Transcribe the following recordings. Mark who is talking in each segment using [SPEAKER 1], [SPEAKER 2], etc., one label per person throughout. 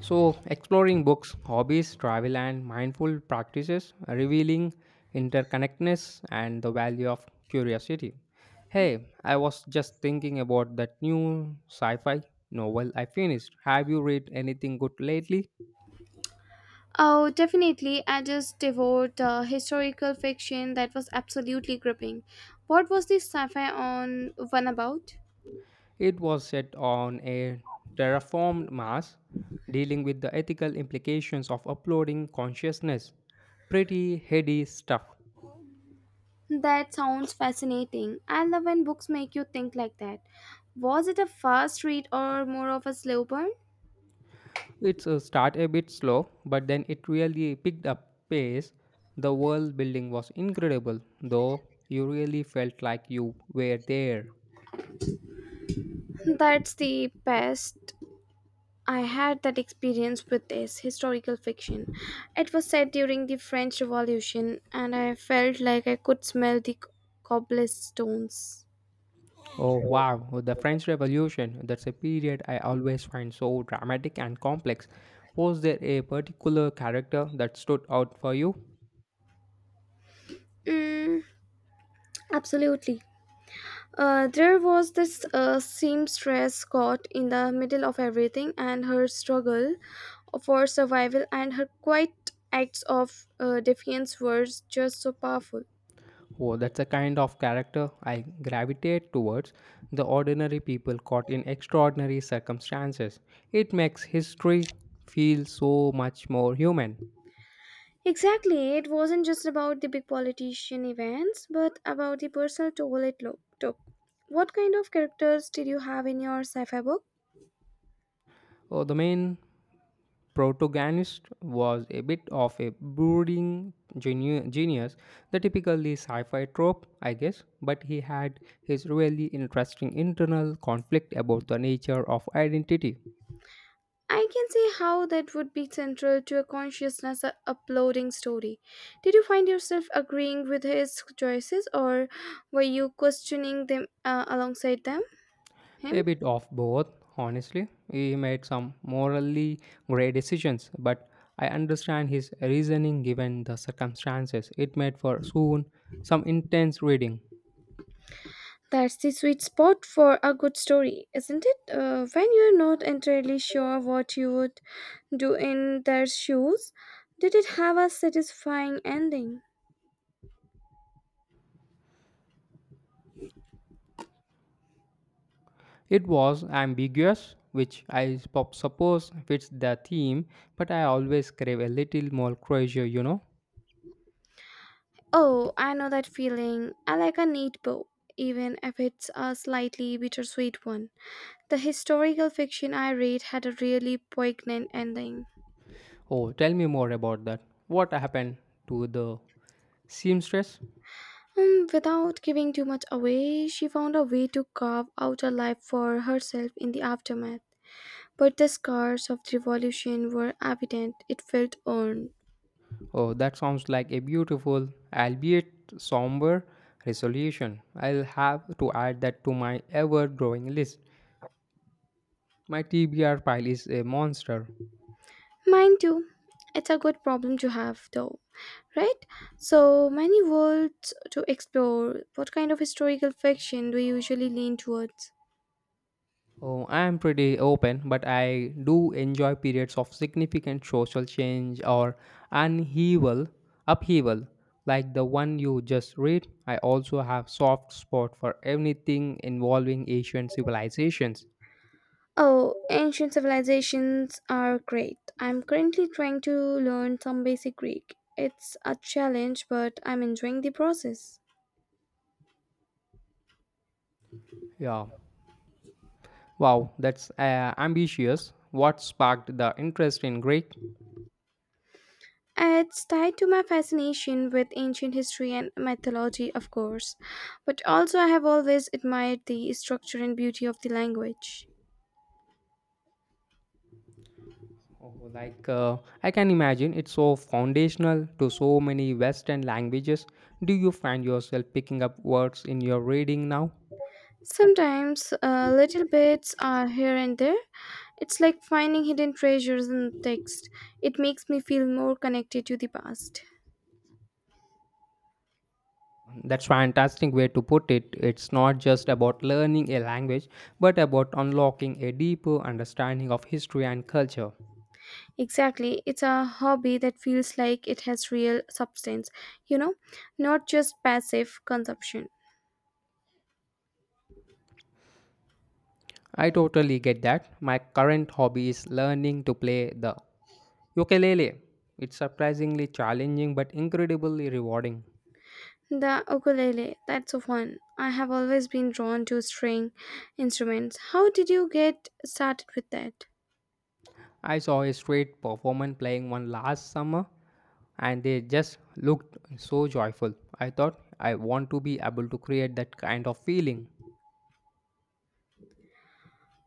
[SPEAKER 1] So, exploring books, hobbies, travel, and mindful practices, revealing interconnectedness and the value of curiosity. Hey, I was just thinking about that new sci fi novel I finished. Have you read anything good lately?
[SPEAKER 2] Oh, definitely. I just devoured historical fiction that was absolutely gripping. What was this sci-fi on one about?
[SPEAKER 1] It was set on a terraformed Mars, dealing with the ethical implications of uploading consciousness. Pretty heady stuff.
[SPEAKER 2] That sounds fascinating. I love when books make you think like that. Was it a fast read or more of a slow burn?
[SPEAKER 1] It's a start a bit slow, but then it really picked up pace. The world building was incredible, though you really felt like you were there.
[SPEAKER 2] That's the best. I had that experience with this historical fiction. It was set during the French Revolution, and I felt like I could smell the cobblestones.
[SPEAKER 1] Oh wow, the French Revolution, that's a period I always find so dramatic and complex. Was there a particular character that stood out for you?
[SPEAKER 2] Mm, absolutely. There was this seamstress caught in the middle of everything, and her struggle for survival and her quiet acts of defiance were just so powerful.
[SPEAKER 1] Oh, that's a kind of character I gravitate towards the ordinary people caught in extraordinary circumstances. It makes history feel so much more human.
[SPEAKER 2] Exactly, it wasn't just about the big politician events, but about the personal toll took. What kind of characters did you have in your sci fi book?
[SPEAKER 1] Oh, the main protagonist was a bit of a brooding genius, the typically sci fi trope, I guess, but he had his really interesting internal conflict about the nature of identity.
[SPEAKER 2] I can see how that would be central to a uploading story. Did you find yourself agreeing with his choices, or were you questioning them alongside them him?
[SPEAKER 1] A bit of both, honestly. He made some morally grey decisions, but I understand his reasoning given the circumstances. It made for soon some intense reading.
[SPEAKER 2] That's the sweet spot for a good story, isn't it? When you're not entirely sure what you would do in their shoes, did it have a satisfying ending?
[SPEAKER 1] It was ambiguous, which I suppose fits the theme, but I always crave a little more closure.
[SPEAKER 2] Oh, I know that feeling. I like a neat bow, even if it's a slightly bittersweet one. The historical fiction I read had a really poignant ending.
[SPEAKER 1] Oh, tell me more about that. What happened to the seamstress?
[SPEAKER 2] Without giving too much away, she found a way to carve out a life for herself in the aftermath. But the scars of the revolution were evident; it felt earned.
[SPEAKER 1] Oh, that sounds like a beautiful, albeit somber, resolution. I'll have to add that to my ever growing list. My TBR pile is a monster.
[SPEAKER 2] Mine too. It's a good problem to have, though, right? So many worlds to explore. What kind of historical fiction do you usually lean towards?
[SPEAKER 1] Oh, I am pretty open, but I do enjoy periods of significant social change or unheaval, upheaval, like the one you just read. I also have soft spot for anything involving Asian civilizations.
[SPEAKER 2] Oh, ancient civilizations are great. I'm currently trying to learn some basic Greek. It's a challenge, but I'm enjoying the process.
[SPEAKER 1] Yeah. Wow, that's ambitious. What sparked the interest in Greek?
[SPEAKER 2] It's tied to my fascination with ancient history and mythology, of course, but also I have always admired the structure and beauty of the language.
[SPEAKER 1] Oh, like, I can imagine it's so foundational to so many Western languages. Do you find yourself picking up words in your reading now?
[SPEAKER 2] Sometimes, little bits are here and there. It's like finding hidden treasures in the text. It makes me feel more connected to the past.
[SPEAKER 1] That's fantastic way to put it. It's not just about learning a language, but about unlocking a deeper understanding of history and culture.
[SPEAKER 2] Exactly. It's a hobby that feels like it has real substance, you know, not just passive consumption.
[SPEAKER 1] I totally get that. My current hobby is learning to play the ukulele. It's surprisingly challenging but incredibly rewarding.
[SPEAKER 2] The ukulele, that's so fun. I have always been drawn to string instruments. How did you get started with that?
[SPEAKER 1] I saw a straight performance playing one last summer and they just looked so joyful. I thought I want to be able to create that kind of feeling.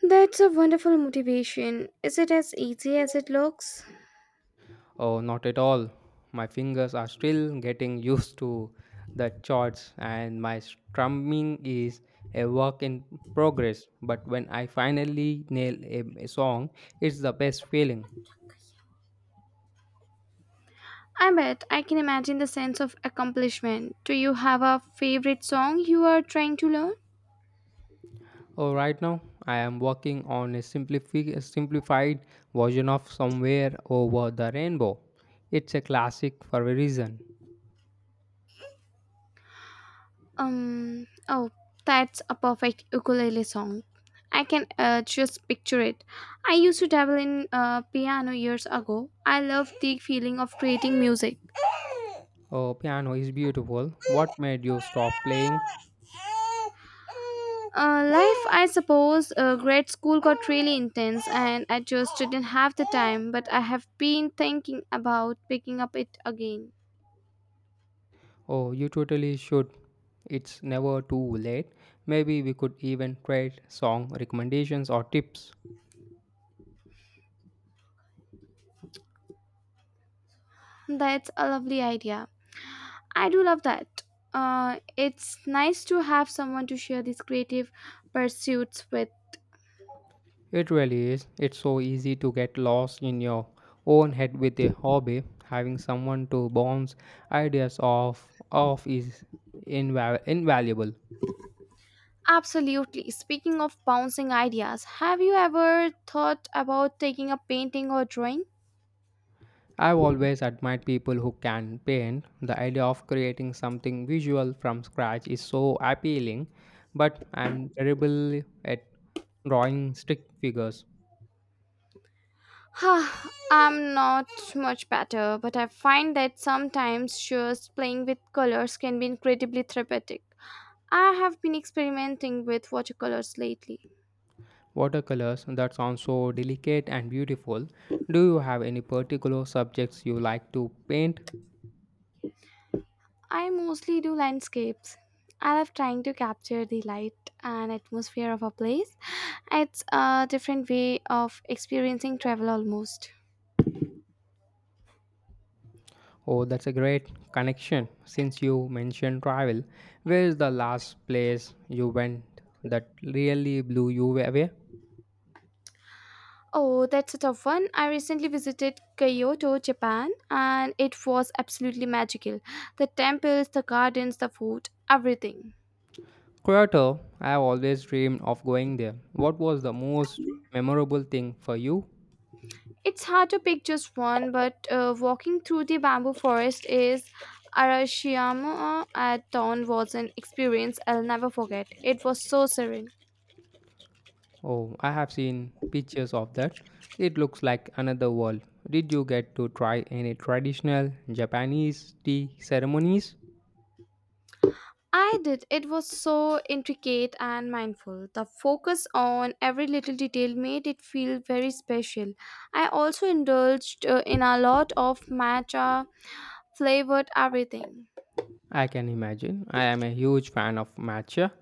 [SPEAKER 2] That's a wonderful motivation. Is it as easy as it looks?
[SPEAKER 1] Oh, not at all. My fingers are still getting used to the chords and my strumming is a work in progress. But when I finally nail a song, it's the best feeling.
[SPEAKER 2] I bet. I can imagine the sense of accomplishment. Do you have a favorite song you are trying to learn?
[SPEAKER 1] Oh, right now I am working on a simplified version of Somewhere Over the Rainbow. It's a classic for a reason.
[SPEAKER 2] Oh, that's a perfect ukulele song. I can just picture it. I used to dabble in piano years ago. I love the feeling of creating music.
[SPEAKER 1] Oh, piano is beautiful. What made you stop playing?
[SPEAKER 2] Life, I suppose. Grade school got really intense, and I just didn't have the time. But I have been thinking about picking up it again.
[SPEAKER 1] Oh, you totally should. It's never too late. Maybe we could even trade song recommendations or tips.
[SPEAKER 2] That's a lovely idea. I do love that. It's nice to have someone to share these creative pursuits with.
[SPEAKER 1] It really is. It's so easy to get lost in your own head with a hobby. Having someone to bounce ideas off is invaluable.
[SPEAKER 2] Absolutely. Speaking of bouncing ideas, have you ever thought about taking a painting or drawing?
[SPEAKER 1] I've always admired people who can paint. The idea of creating something visual from scratch is so appealing, but I'm terrible at drawing stick figures.
[SPEAKER 2] Huh, I'm not much better, but I find that sometimes just playing with colors can be incredibly therapeutic. I have been experimenting with watercolors lately.
[SPEAKER 1] Watercolors that sounds so delicate and beautiful. Do you have any particular subjects you like to paint?
[SPEAKER 2] I mostly do landscapes. I love trying to capture the light and atmosphere of a place. It's a different way of experiencing travel almost.
[SPEAKER 1] Oh, that's a great connection. Since you mentioned travel, where is the last place you went that really blew you away?
[SPEAKER 2] Oh, that's a tough one. I recently visited Kyoto, Japan, and it was absolutely magical. The temples, the gardens, the food, everything.
[SPEAKER 1] Kyoto, I have always dreamed of going there. What was the most memorable thing for you?
[SPEAKER 2] It's hard to pick just one, but walking through the bamboo forest is Arashiyama at dawn was an experience I'll never forget. It was so serene.
[SPEAKER 1] Oh, I have seen pictures of that. It looks like another world. Did you get to try any traditional Japanese tea ceremonies?
[SPEAKER 2] I did. It was so intricate and mindful. The focus on every little detail made it feel very special. I also indulged in a lot of matcha flavored everything.
[SPEAKER 1] I can imagine. I am a huge fan of matcha.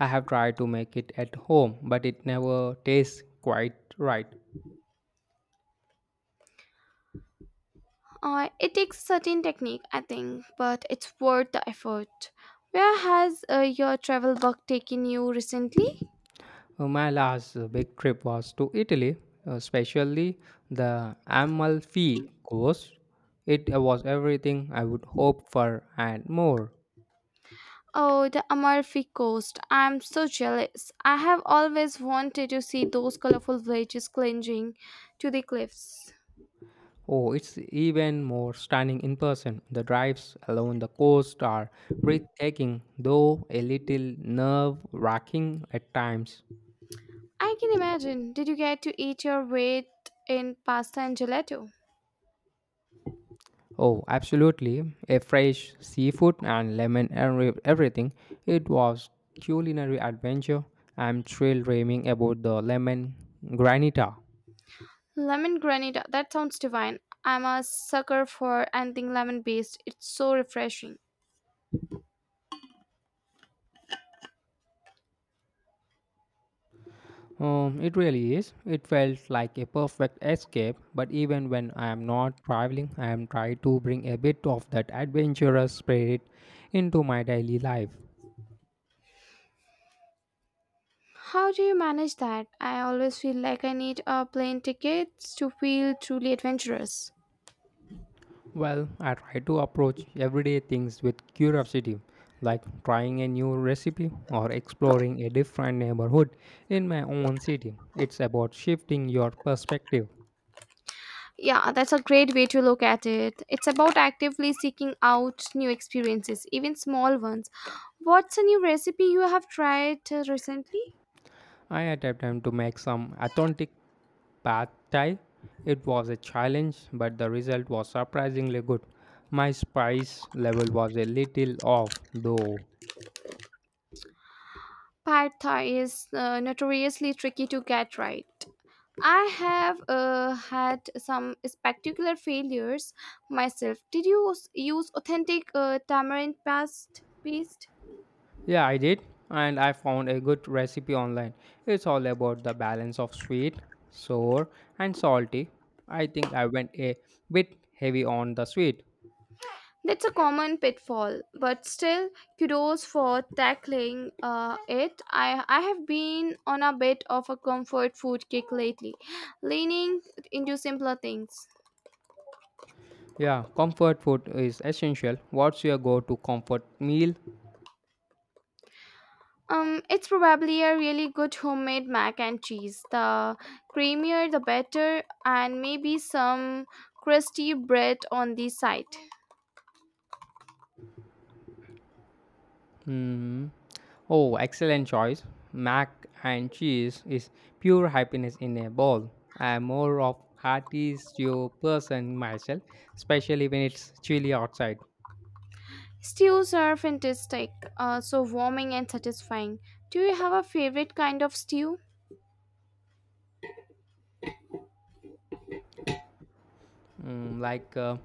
[SPEAKER 1] I have tried to make it at home, but it never tastes quite right.
[SPEAKER 2] It takes certain technique, I think, but it's worth the effort. Where has your travel bug taken you recently?
[SPEAKER 1] My last big trip was to Italy, especially the Amalfi Coast. It was everything I would hope for and more.
[SPEAKER 2] Oh, the Amalfi Coast. I'm so jealous. I have always wanted to see those colorful villages clinging to the cliffs.
[SPEAKER 1] Oh, it's even more stunning in person. The drives along the coast are breathtaking, though a little nerve wracking at times.
[SPEAKER 2] I can imagine. Did you get to eat your weight in pasta and gelato?
[SPEAKER 1] Oh, absolutely. A fresh seafood and lemon and everything. It was culinary adventure. I'm thrilled dreaming about the lemon granita.
[SPEAKER 2] Lemon granita, that sounds divine. I'm a sucker for anything lemon based, it's so refreshing.
[SPEAKER 1] It really is. It felt like a perfect escape, but even when I am not traveling, I am trying to bring a bit of that adventurous spirit into my daily life.
[SPEAKER 2] How do you manage that? I always feel like I need a plane ticket to feel truly adventurous.
[SPEAKER 1] Well, I try to approach everyday things with curiosity, like trying a new recipe or exploring a different neighborhood in my own city. It's about shifting your perspective.
[SPEAKER 2] Yeah, that's a great way to look at it. It's about actively seeking out new experiences, even small ones. What's a new recipe you have tried recently?
[SPEAKER 1] I attempted to make some authentic pad thai. It was a challenge, but the result was surprisingly good. My spice level was a little off, though.
[SPEAKER 2] Pad Thai is notoriously tricky to get right. I have had some spectacular failures myself. Did use authentic tamarind paste?
[SPEAKER 1] Yeah, I did, and I found a good recipe online. It's all about the balance of sweet, sour, and salty. I think I went a bit heavy on the sweet.
[SPEAKER 2] That's a common pitfall, but still, kudos for tackling it. I have been on a bit of a comfort food kick lately, leaning into simpler things.
[SPEAKER 1] Yeah, comfort food is essential. What's your go to comfort meal?
[SPEAKER 2] It's probably a really good homemade mac and cheese. The creamier, the better, and maybe some crusty bread on the side.
[SPEAKER 1] Hmm. Oh, excellent choice. Mac and cheese is pure happiness in a bowl. I'm more of hearty stew person myself, especially when it's chilly outside.
[SPEAKER 2] Stews are fantastic, so warming and satisfying. Do you have a favorite kind of stew?
[SPEAKER 1] Mm, like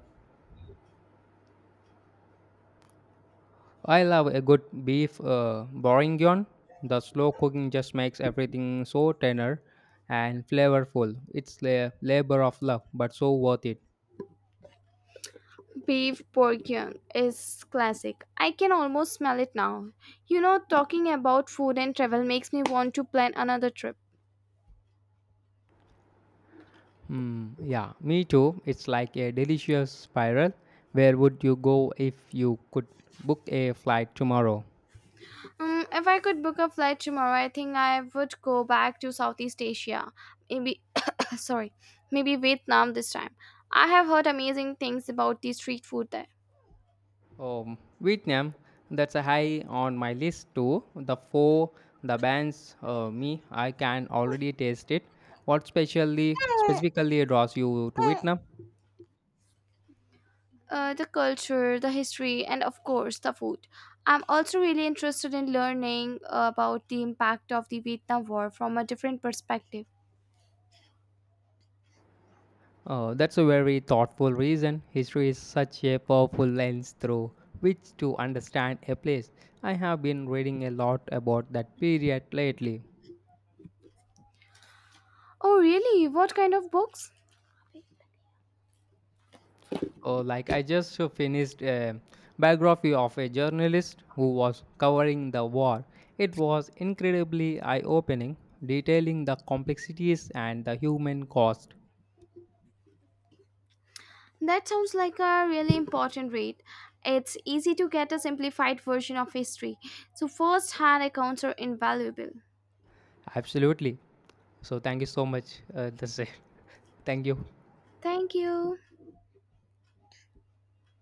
[SPEAKER 1] I love a good beef bourguignon. The slow cooking just makes everything so tender and flavorful. It's a labor of love, but so worth it.
[SPEAKER 2] Beef bourguignon is classic. I can almost smell it now. You know, talking about food and travel makes me want to plan another trip.
[SPEAKER 1] Hmm, yeah, me too. It's like a delicious spiral. Where would you go if you could book a flight tomorrow?
[SPEAKER 2] If I could book a flight tomorrow, I think I would go back to Southeast Asia, maybe, sorry, maybe Vietnam this time. I have heard amazing things about the street food there.
[SPEAKER 1] Vietnam. That's a high on my list too. The four, the bands, me. I can already taste it. What specifically draws you to Vietnam?
[SPEAKER 2] The culture, the history, and of course, the food. I'm also really interested in learning about the impact of the Vietnam War from a different perspective.
[SPEAKER 1] Oh, that's a very thoughtful reason. History is such a powerful lens through which to understand a place. I have been reading a lot about that period lately.
[SPEAKER 2] Oh, really? What kind of books?
[SPEAKER 1] Oh, like I just finished a biography of a journalist who was covering the war. It was incredibly eye opening, detailing the complexities and the human cost.
[SPEAKER 2] That sounds like a really important read. It's easy to get a simplified version of history, so first hand accounts are invaluable.
[SPEAKER 1] Absolutely. So, thank you so much. That's it. Thank you.
[SPEAKER 2] Thank you.